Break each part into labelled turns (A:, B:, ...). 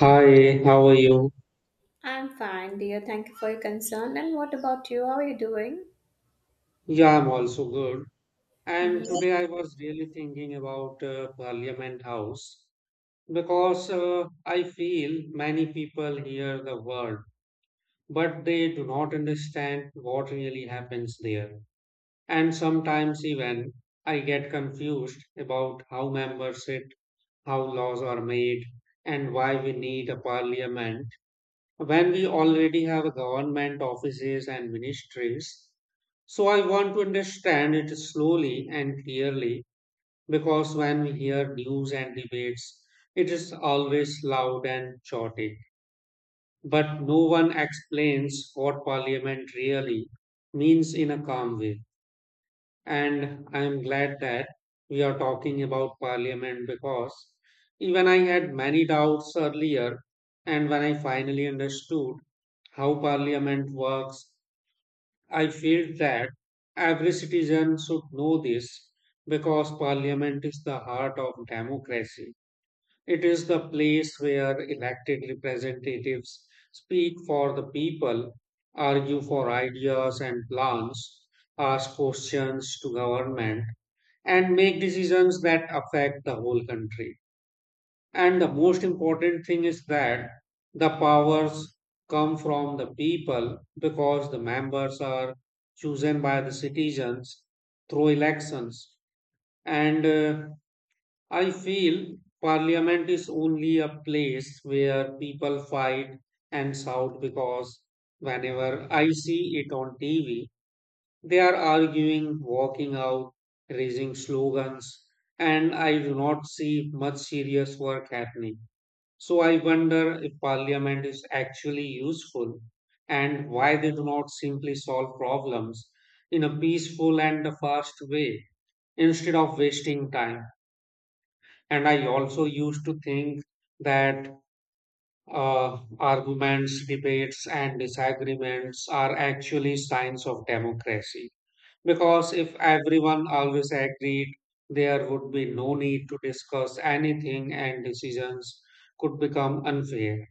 A: Hi, how are you?
B: I'm fine, dear. Thank you for your concern. And what about you? How are you doing?
A: Yeah, I'm also good.
B: Mhm.
A: And today I was really thinking about Parliament House because I feel many people hear the word, but they do not understand what really happens there. And sometimes even I get confused about how members sit, how laws are made, and why we need a parliament when we already have government offices and ministries. So I want to understand it slowly and clearly because when we hear news and debates, it is always loud and chaotic. But no one explains what parliament really means in a calm way, and I am glad that we are talking about Parliament because even I had many doubts earlier, and when I finally understood how Parliament works, I felt that every citizen should know this because Parliament is the heart of democracy. It is the place where elected representatives speak for the people, argue for ideas and plans, ask questions to government, and make decisions that affect the whole country. And the most important thing is that the powers come from the people because the members are chosen by the citizens through elections. And I feel parliament is only a place where people fight and shout because whenever I see it on TV, they are arguing, walking out, raising slogans, and I do not see much serious work happening. So I wonder if parliament is actually useful and why they do not simply solve problems in a peaceful and a fast way instead of wasting time. And I also used to think that arguments, debates, and disagreements are actually signs of democracy. Because if everyone always agreed, there would be no need to discuss anything, and decisions could become unfair.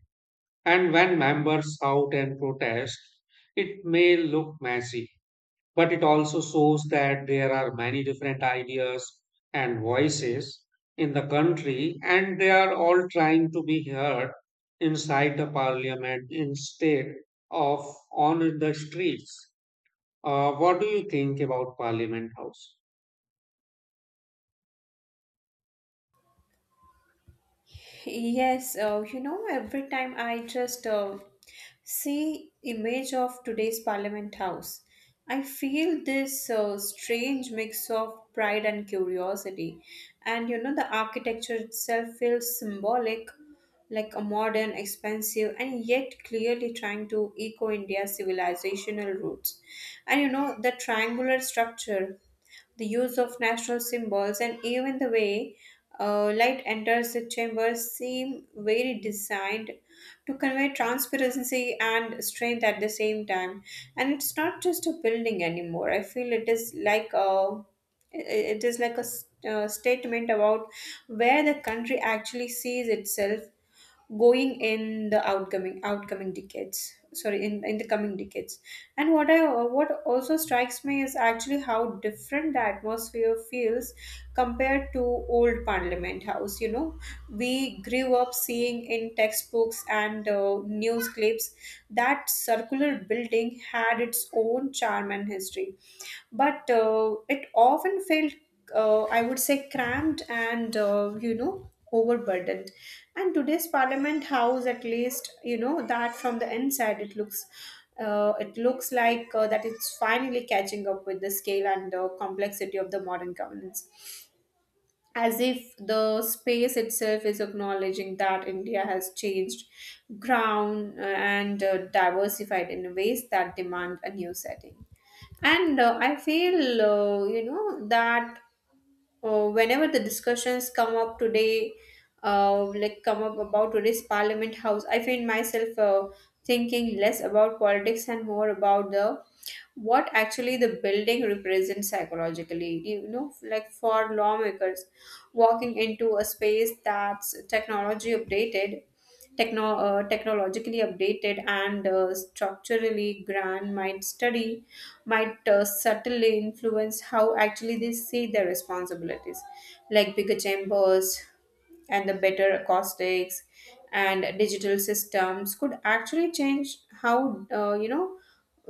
A: And when members shout and protest, it may look messy, but it also shows that there are many different ideas and voices in the country, and they are all trying to be heard inside the parliament instead of on the streets. What do you think about Parliament House?
B: Yes, you know, every time I just see image of today's Parliament House, I feel this strange mix of pride and curiosity. And you know, the architecture itself feels symbolic, like a modern, expansive, and yet clearly trying to echo India's civilizational roots. And you know, the triangular structure, the use of national symbols, and even the way light enters the chamber seem very designed to convey transparency and strength at the same time. And it's not just a building anymore. I feel it is like a it is like a statement about where the country actually sees itself going in the outcoming outcoming decades sorry in the coming decades. And what also strikes me is actually how different the atmosphere feels compared to old Parliament House. You know, we grew up seeing in textbooks and news clips. That circular building had its own charm and history, but it often felt, I would say, cramped and, you know, overburdened. And today's Parliament House, at least you know that from the inside, it looks that it's finally catching up with the scale and complexity of the modern governance, as if the space itself is acknowledging that India has changed ground and diversified in ways that demand a new setting. And I feel, you know, that whenever the discussions come up today, come up about today's Parliament House, I find myself thinking less about politics and more about the what actually the building represents psychologically, you know, like for lawmakers walking into a space that's technologically updated and structurally grand, might study might subtly influence how actually they see their responsibilities. Like bigger chambers and the better acoustics and digital systems could actually change how, you know,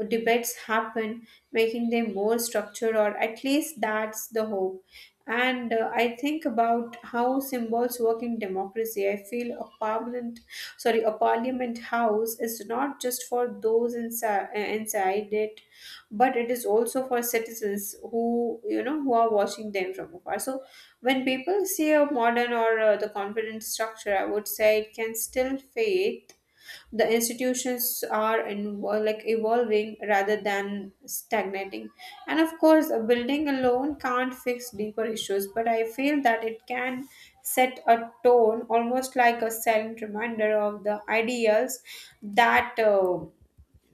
B: debates happen, making them more structured, or at least that's the hope. And I think about how symbols work in democracy. I feel a permanent sorry a parliament house is not just for those inside it, but it is also for citizens who, you know, who are watching them from afar. So when people see a modern or, the confident structure, I would say it can still fade the institutions are evolving rather than stagnating. And of course, a building alone can't fix deeper issues, but I feel that it can set a tone, almost like a silent reminder of the ideals that uh,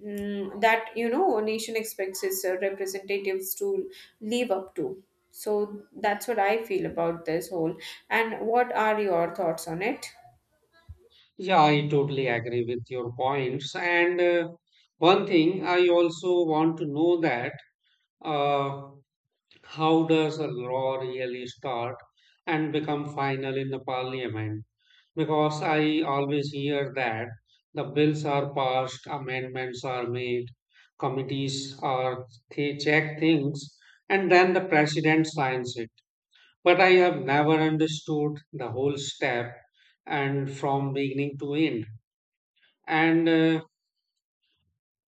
B: mm, that you know, a nation expects its representatives to live up to. So that's what I feel about this whole, and what are your thoughts on it?
A: Yeah, I totally agree with your points. And one thing I also want to know that uh, how does a law really start and become final in the parliament? Because I always hear that the bills are passed, amendments are made, committees are they check things, and then the president signs it. But I have never understood the whole step and from beginning to end. And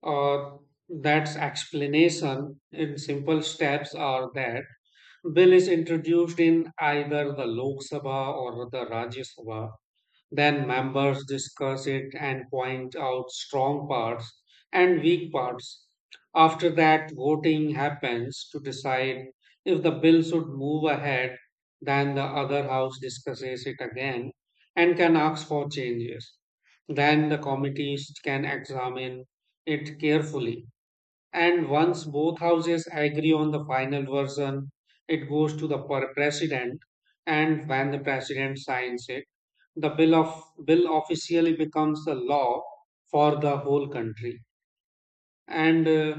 A: uh, that's explanation in simple steps are that bill is introduced in either the Lok Sabha or the Rajya Sabha. Then members discuss it and point out strong parts and weak parts. After that, voting happens to decide if the bill should move ahead. Then the other house discusses it again and can ask for changes. Then the committees can examine it carefully, and once both houses agree on the final version, it goes to the president. And when the president signs it, the bill officially becomes the law for the whole country. And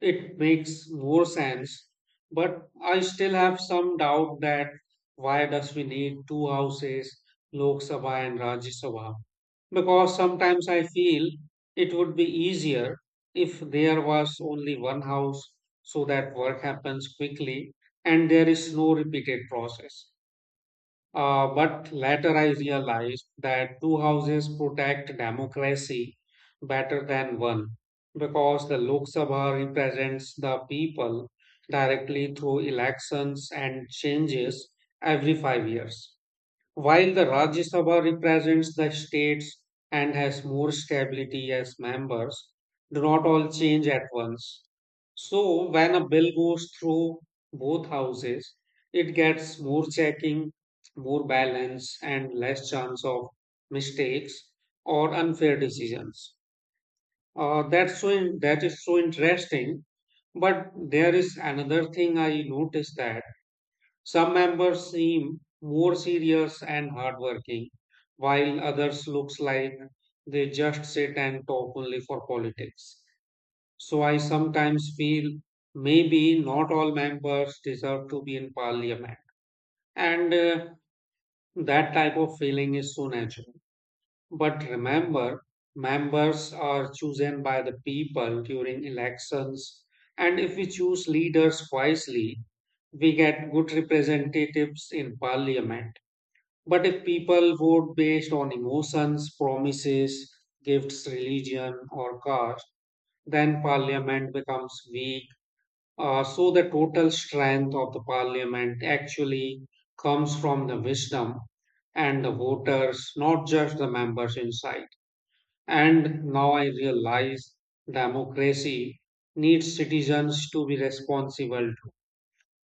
A: it makes more sense, but I still have some doubt that why does we need two houses, Lok Sabha and Rajya Sabha? Because sometimes I feel it would be easier if there was only one house so that work happens quickly and there is no repeated process. But later I realized that two houses protect democracy better than one because the Lok Sabha represents the people directly through elections and changes every 5 years. While the Rajya Sabha represents the states and has more stability as members, do not all change at once. So, when a bill goes through both houses, it gets more checking, more balance, and less chance of mistakes or unfair decisions. That is so interesting. But there is another thing I noticed that some members seem more serious and hardworking, while others looks like they just sit and talk only for politics. So I sometimes feel maybe not all members deserve to be in parliament. And that type of feeling is so natural. But remember, members are chosen by the people during elections. And if we choose leaders wisely, we get good representatives in parliament, but if people vote based on emotions, promises, gifts, religion, or caste, then parliament becomes weak. So the total strength of the parliament actually comes from the wisdom and the voters, not just the members inside. And now I realize democracy needs citizens to be responsible too.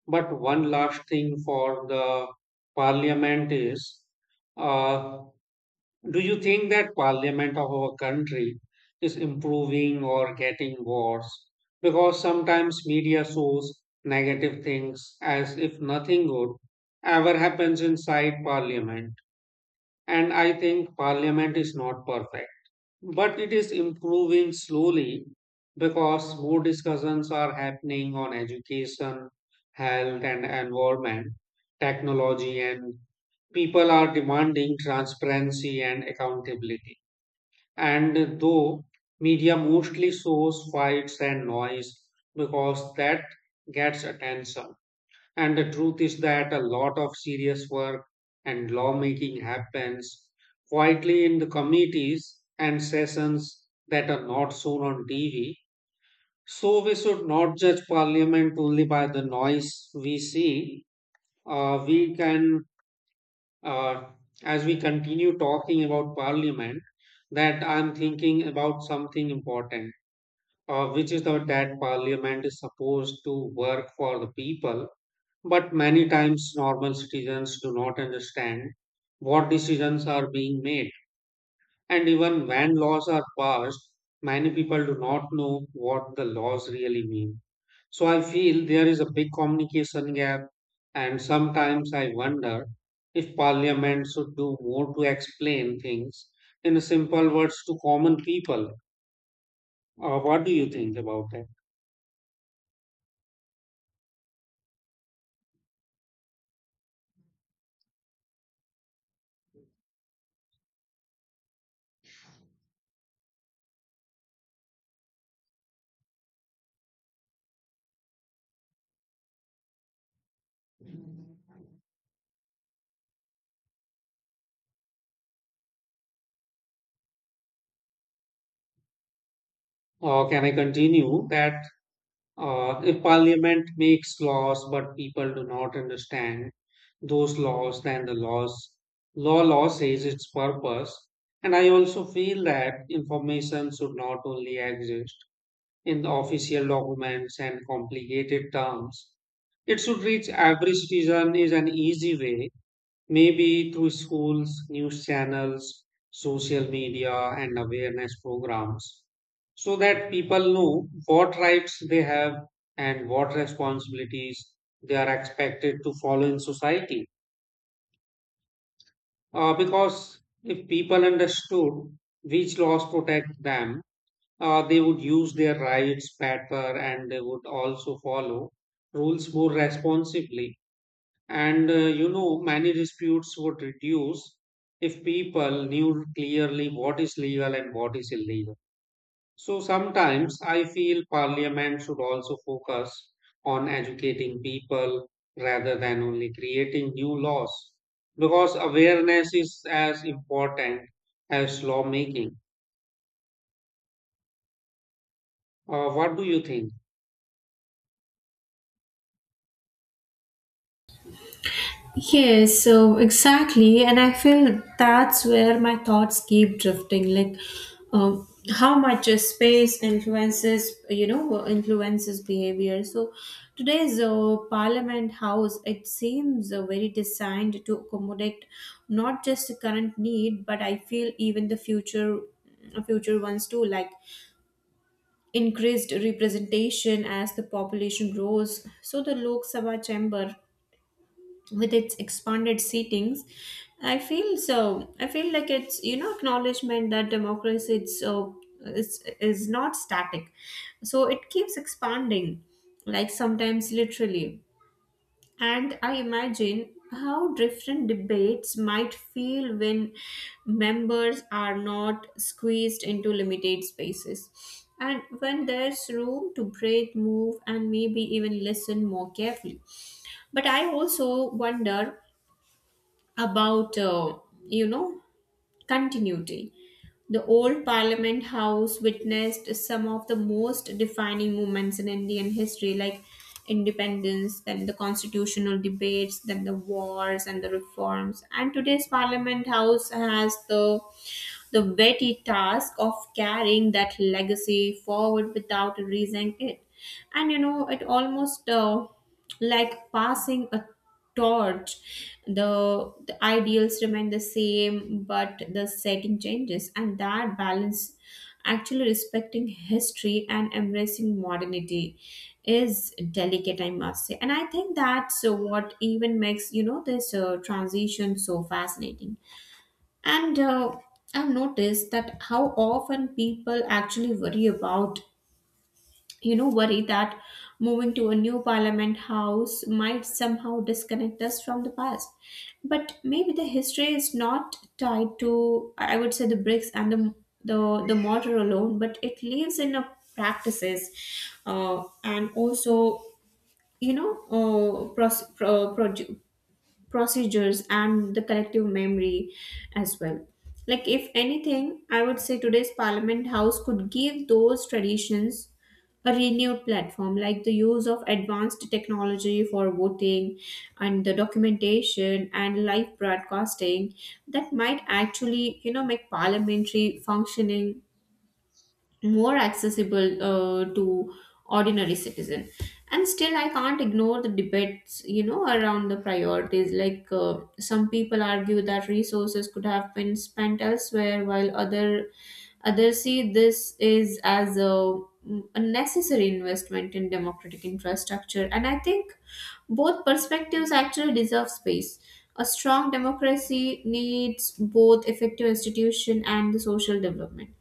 A: But one last thing for the parliament is. Uh, do you think that parliament of our country is improving or getting worse? Because sometimes media shows negative things as if nothing good ever happens inside parliament. And I think parliament is not perfect. But it is improving slowly because more discussions are happening on education, health, and environment, technology, and people are demanding transparency and accountability. And though media mostly shows fights and noise because that gets attention. And the truth is that a lot of serious work and lawmaking happens quietly in the committees and sessions that are not shown on TV. So we should not judge parliament only by the noise we see. Uh, we can, uh, as we continue talking about parliament, that I'm thinking about something important, that parliament is supposed to work for the people but many times normal citizens do not understand what decisions are being made. And even when laws are passed, many people do not know what the laws really mean. So I feel there is a big communication gap, and sometimes I wonder if parliament should do more to explain things in simple words to common people. What do you think about that? Or can I continue that. If parliament makes laws but people do not understand those laws, then the laws law says its purpose. And I also feel that information should not only exist in the official documents and complicated terms. It should reach every citizen is an easy way. Maybe through schools, news channels, social media, and awareness programs, so that people know what rights they have and what responsibilities they are expected to follow in society. Because if people understood which laws protect them, they would use their rights better and they would also follow rules more responsibly. Many disputes would reduce if people knew clearly what is legal and what is illegal. So sometimes I feel parliament should also focus on educating people rather than only creating new laws because awareness is as important as lawmaking. What do you think?
B: Yes, so exactly, and I feel that's where my thoughts keep drifting. Like, how much is space influences, you know, influences behavior. So, today's Parliament House, it seems very designed to accommodate not just the current need, but I feel even the future ones too. Like increased representation as the population grows. So the Lok Sabha chamber with its expanded seatings, I feel like it's, you know, acknowledgement that democracy, it's so is not static, so it keeps expanding, like sometimes literally. And I imagine how different debates might feel when members are not squeezed into limited spaces, and when there's room to breathe, move, and maybe even listen more carefully. But I also wonder about, you know, continuity. The old Parliament House witnessed some of the most defining moments in Indian history, like independence, then the constitutional debates, then the wars and the reforms. And today's Parliament House has the weighty task of carrying that legacy forward without raising it. And you know, it almost like passing a torch. The ideals remain the same, but the setting changes, and that balance, actually respecting history and embracing modernity, is delicate, I must say. And I think that's what even makes, you know, this transition so fascinating. And I've noticed that how often people actually worry about, you know, worry that moving to a new Parliament House might somehow disconnect us from the past. But maybe the history is not tied to, I would say, the bricks and the mortar alone, but it lives in our practices and also, you know, procedures and the collective memory as well. Like if anything, I would say today's Parliament House could give those traditions a renewed platform. Like the use of advanced technology for voting and the documentation and live broadcasting, that might actually, you know, make parliamentary functioning more accessible to ordinary citizen. And still I can't ignore the debates, you know, around the priorities. Like some people argue that resources could have been spent elsewhere, while others see this is as a necessary investment in democratic infrastructure. And I think both perspectives actually deserve space. A strong democracy needs both effective institution and the social development.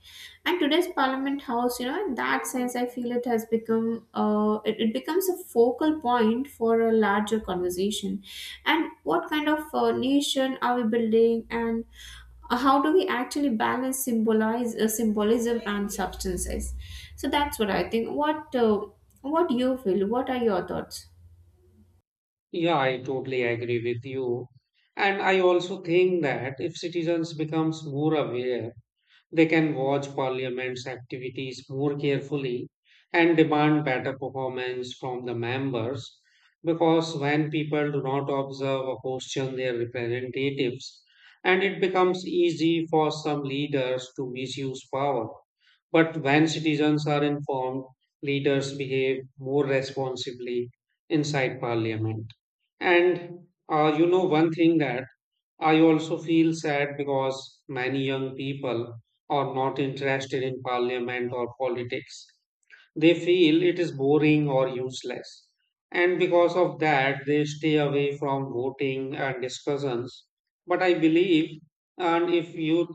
B: And today's Parliament House, you know, in that sense, I feel it has become it, it becomes a focal point for a larger conversation. And what kind of nation are we building, and how do we actually balance symbolize symbolism and substances? So that's what I think. What what do you feel? What are your thoughts?
A: Yeah, I totally agree with you. And I also think that if citizens becomes more aware, they can watch Parliament's activities more carefully and demand better performance from the members because when people do not observe or question their representatives, and it becomes easy for some leaders to misuse power. But when citizens are informed, leaders behave more responsibly inside Parliament. One thing that I also feel sad because many young people are not interested in parliament or politics. They feel it is boring or useless. And because of that, they stay away from voting and discussions. But I believe, and if youth,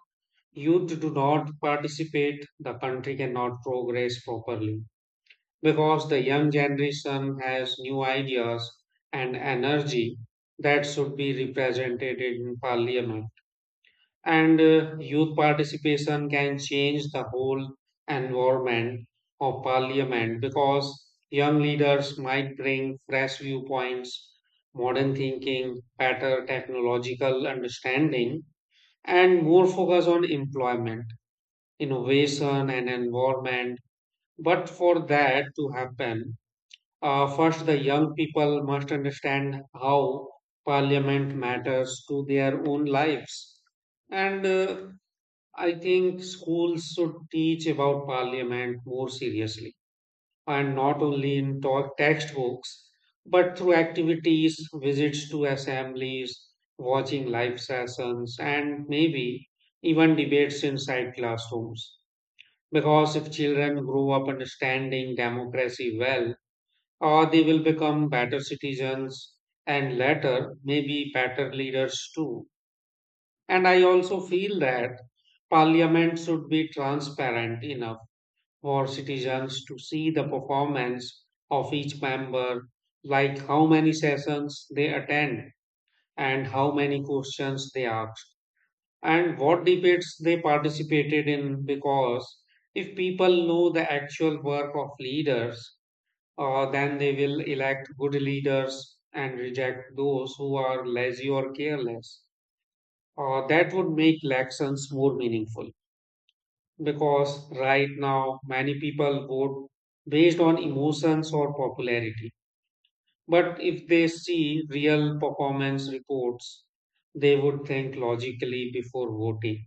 A: youth do not participate, the country cannot progress properly. Because the young generation has new ideas and energy that should be represented in parliament, and youth participation can change the whole environment of parliament because young leaders might bring fresh viewpoints, modern thinking, better technological understanding, and more focus on employment, innovation, and environment. But for that to happen, first the young people must understand how parliament matters to their own lives, and I think schools should teach about parliament more seriously and not only in textbooks but through activities, visits to assemblies, watching live sessions, and maybe even debates inside classrooms. Because if children grow up understanding democracy well, or they will become better citizens and later maybe better leaders too. And I also feel that parliament should be transparent enough for citizens to see the performance of each member, like how many sessions they attend and how many questions they asked and what debates they participated in. Because if people know the actual work of leaders, then they will elect good leaders and reject those who are lazy or careless. That would make elections more meaningful because right now many people vote based on emotions or popularity. But if they see real performance reports, they would think logically before voting,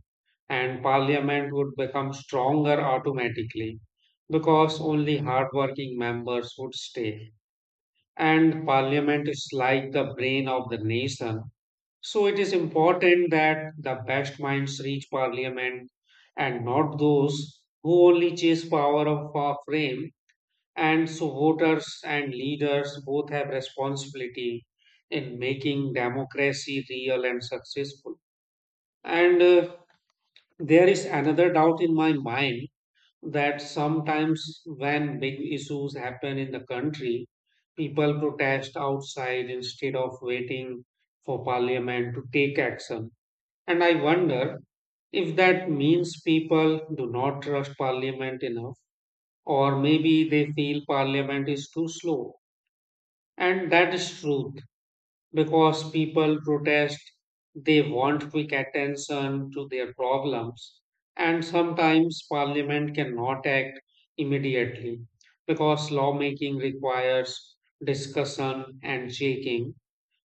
A: and parliament would become stronger automatically because only hardworking members would stay. And parliament is like the brain of the nation so it is important that the best minds reach parliament and not those who only chase power of a frame. And so voters and leaders both have responsibility in making democracy real and successful. And There is another doubt in my mind that sometimes when big issues happen in the country, people protest outside instead of waiting for parliament to take action, and I wonder if that means people do not trust Parliament enough, or maybe they feel Parliament is too slow. And that is truth because people protest, they want quick attention to their problems, and sometimes Parliament cannot act immediately because lawmaking requires discussion and shaking.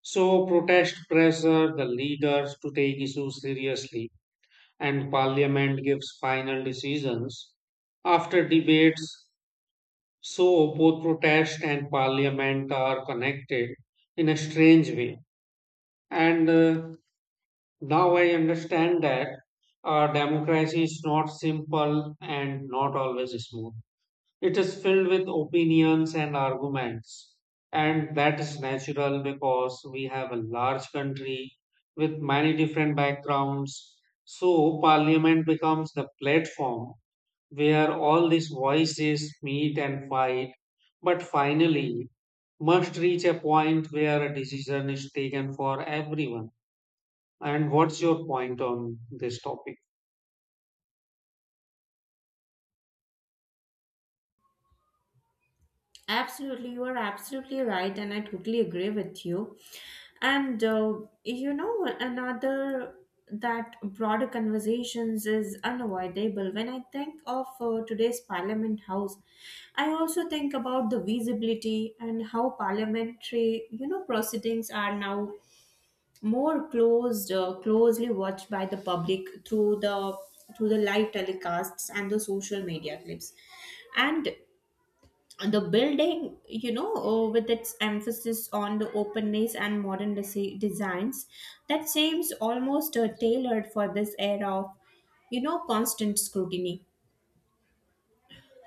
A: So, protest pressure the leaders to take issues seriously and parliament gives final decisions after debates. So both protest and parliament are connected in a strange way. And Now I understand that our democracy is not simple and not always smooth. It is filled with opinions and arguments. And that is natural because we have a large country with many different backgrounds. So, parliament becomes the platform where all these voices meet and fight, but finally must reach a point where a decision is taken for everyone. And what's your point on this topic?
B: Absolutely, you are absolutely right, and I totally agree with you. And you know, another that broader conversations is unavoidable. When I think of today's Parliament House, I also think about the visibility and how parliamentary, you know, proceedings are now more closed, closely watched by the public through the live telecasts and the social media clips. And the building, you know, with its emphasis on the openness and modern designs, that seems almost tailored for this era of, you know, constant scrutiny.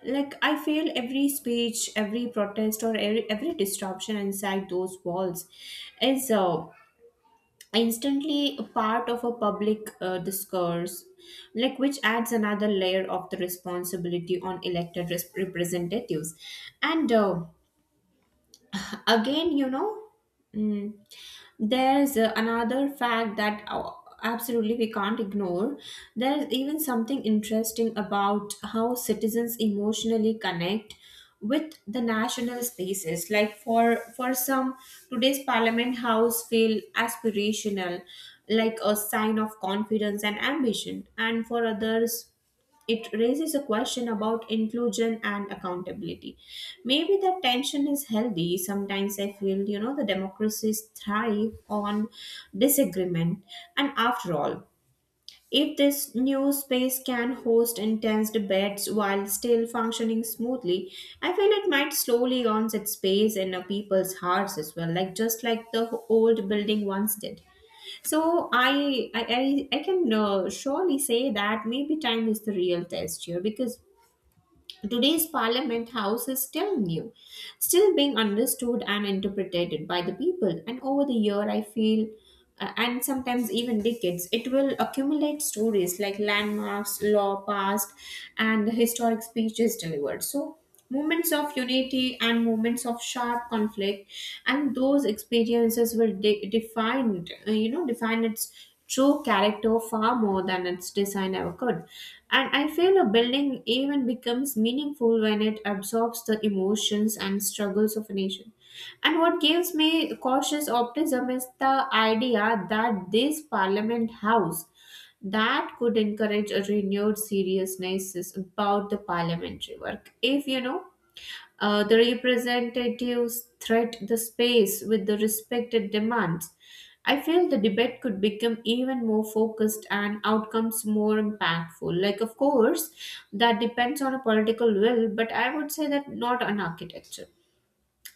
B: Like I feel every speech, every protest, or every disruption inside those walls is, instantly a part of a public discourse, like which adds another layer of the responsibility on elected representatives. And again, you know, mm, there's another fact that absolutely we can't ignore. There's even something interesting about how citizens emotionally connect with the national spaces. Like for some, today's Parliament House feel aspirational, like a sign of confidence and ambition, and for others, it raises a question about inclusion and accountability. Maybe that tension is healthy. Sometimes I feel, you know, the democracies thrive on disagreement. And after all, if this new space can host intense debates while still functioning smoothly, I feel it might slowly earn its space in a people's hearts as well, like just like the old building once did. So I can surely say that maybe time is the real test here, because today's Parliament House is still new, still being understood and interpreted by the people. And over the year, I feel, and sometimes even decades, it will accumulate stories, like landmarks, law passed, and historic speeches delivered. So moments of unity and moments of sharp conflict, and those experiences will define, you know, define its true character far more than its design ever could. And I feel a building even becomes meaningful when it absorbs the emotions and struggles of a nation. And what gives me cautious optimism is the idea that this Parliament House that could encourage a renewed seriousness about the parliamentary work. If, you know, the representatives threat the space with the respected demands, I feel the debate could become even more focused and outcomes more impactful. Like of course that depends on a political will, but I would say that not on architecture.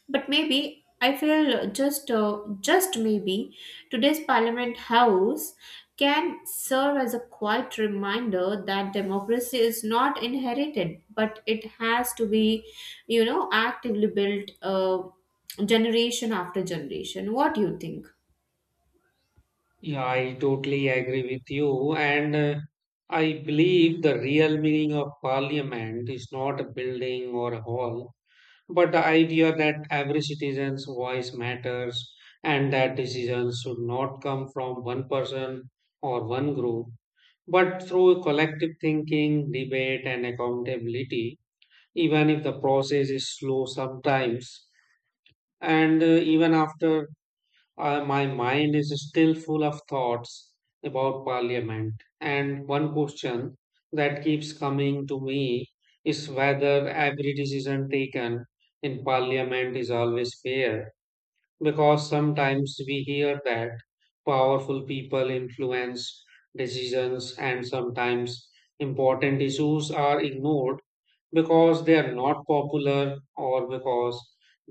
B: But maybe I feel just maybe today's Parliament House can serve as a quiet reminder that democracy is not inherited, but it has to be, you know, actively built generation after generation. What do you think?
A: Yeah, I totally agree with you. And I believe the real meaning of parliament is not a building or a hall, but the idea that every citizen's voice matters and that decisions should not come from one person or one group, but through collective thinking, debate, and accountability, even if the process is slow sometimes, and even after my mind is still full of thoughts about parliament. And one question that keeps coming to me is whether every decision taken in parliament is always fair, because sometimes we hear that powerful people influence decisions, and sometimes important issues are ignored because they are not popular or because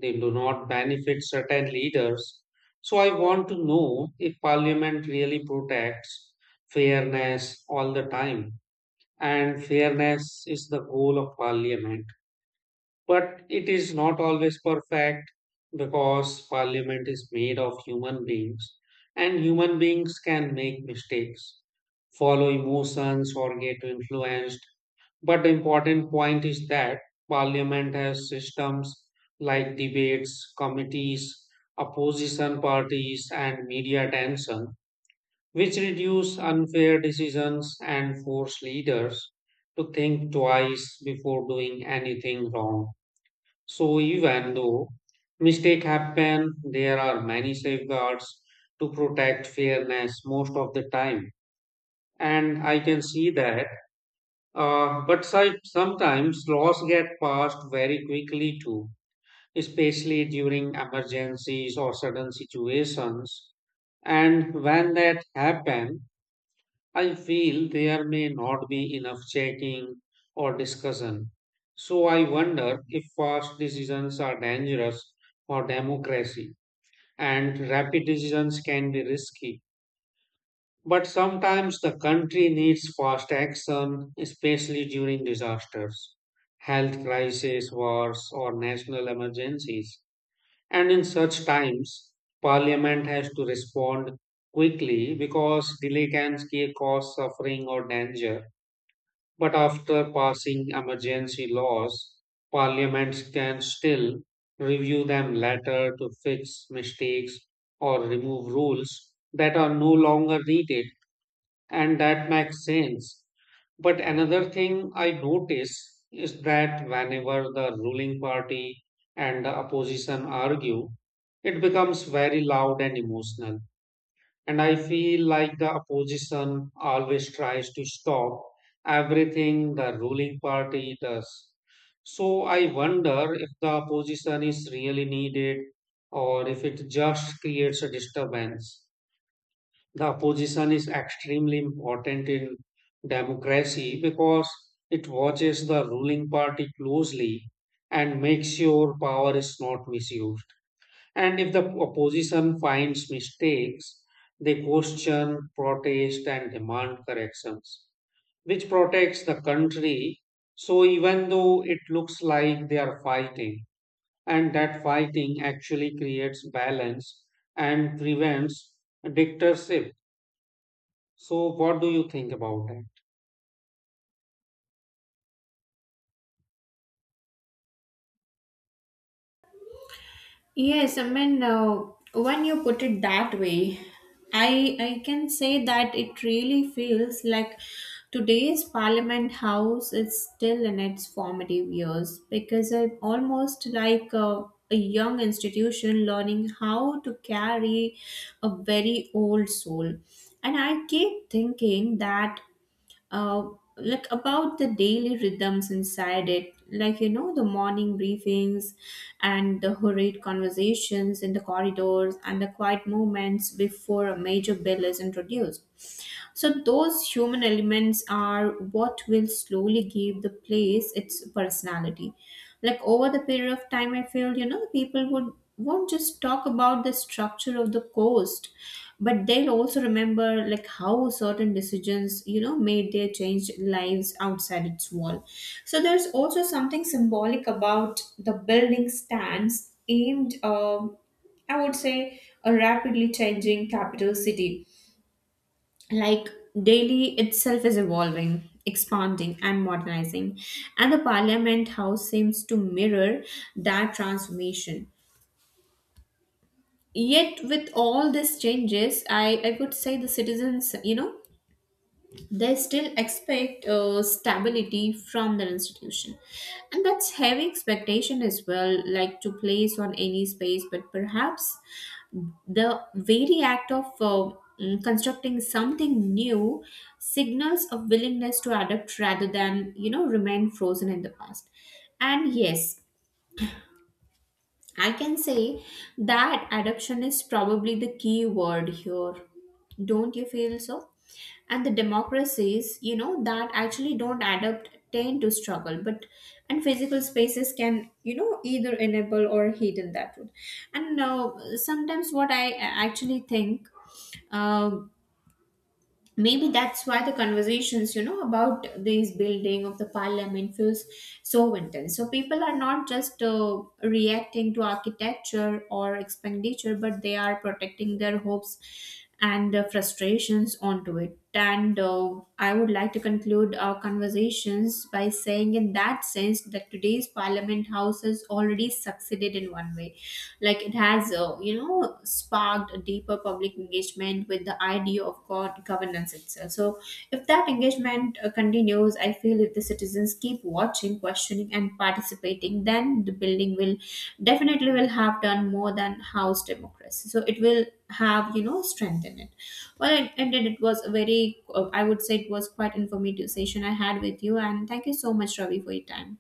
A: they do not benefit certain leaders. So, I want to know if Parliament really protects fairness all the time, and fairness is the goal of Parliament. But it is not always perfect because parliament is made of human beings and human beings can make mistakes, follow emotions, or get influenced. But the important point is that parliament has systems like debates, committees, opposition parties, and media attention, which reduce unfair decisions and force leaders to think twice before doing anything wrong. So even though mistake happen, there are many safeguards to protect fairness most of the time. And I can see that. But sometimes laws get passed very quickly too, especially during emergencies or sudden situations. And when that happen, I feel there may not be enough checking or discussion. So I wonder if fast decisions are dangerous for democracy, and rapid decisions can be risky. But sometimes the country needs fast action, especially during disasters, health crises, wars, or national emergencies. And in such times, parliament has to respond quickly because delay can cause suffering or danger. But after passing emergency laws, parliaments can still review them later to fix mistakes or remove rules that are no longer needed, and that makes sense. But another thing I notice is that whenever the ruling party and the opposition argue, it becomes very loud and emotional, and I feel like the opposition always tries to stop everything the ruling party does. So I wonder if the opposition is really needed or if it just creates a disturbance. The opposition is extremely important in democracy because it watches the ruling party closely and makes sure power is not misused. And if the opposition finds mistakes, they question, protest, and demand corrections, which protects the country. So, even though it looks like they are fighting, and that fighting actually creates balance and prevents dictatorship. So, what do you think about that?
B: Yes, I mean, when you put it that way, I can say that it really feels like today's Parliament House is still in its formative years, because I'm almost like a young institution learning how to carry a very old soul. And I keep thinking that uh, about the daily rhythms inside it, like you know the morning briefings and the hurried conversations in the corridors and the quiet moments before a major bill is introduced. So those human elements are what will slowly give the place its personality. Like, over the period of time, I feel, you know, the people would won't just talk about the structure of the coast, but they'll also remember like how certain decisions, you know, made their changed lives outside its wall. So there's also something symbolic about the building stands aimed, I would say, a rapidly changing capital city, like Delhi itself is evolving, expanding, and modernizing, and the Parliament House seems to mirror that transformation. Yet, with all these changes, I would say the citizens, you know, they still expect stability from the institution. And that's heavy expectation as well, like to place on any space, but perhaps the very act of constructing something new signals a willingness to adapt rather than, you know, remain frozen in the past. And yes, I can say that adoption is probably the key word here. Don't you feel so? And the democracies, you know, that actually don't adopt tend to struggle, but and physical spaces can, you know, either enable or hidden that route. And sometimes what I actually think, uh, maybe that's why the conversations, you know, about this building of the parliament feels so intense. So people are not just reacting to architecture or expenditure, but they are protecting their hopes and frustrations onto it. And I would like to conclude our conversations by saying, in that sense, that today's Parliament House has already succeeded in one way. Like it has, you know, sparked a deeper public engagement with the idea of god governance itself. So, if that engagement continues, news, I feel if the citizens keep watching, questioning, and participating, then the building will definitely will have done more than house democracy. So it will have, you know, strength in it. Well, it ended. It was a very, I would say, it was quite informative session I had with you, and thank you so much, Ravi, for your time.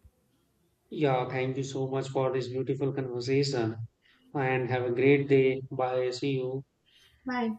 A: Yeah, thank you so much for this beautiful conversation and have a great day. Bye. See you.
B: Bye.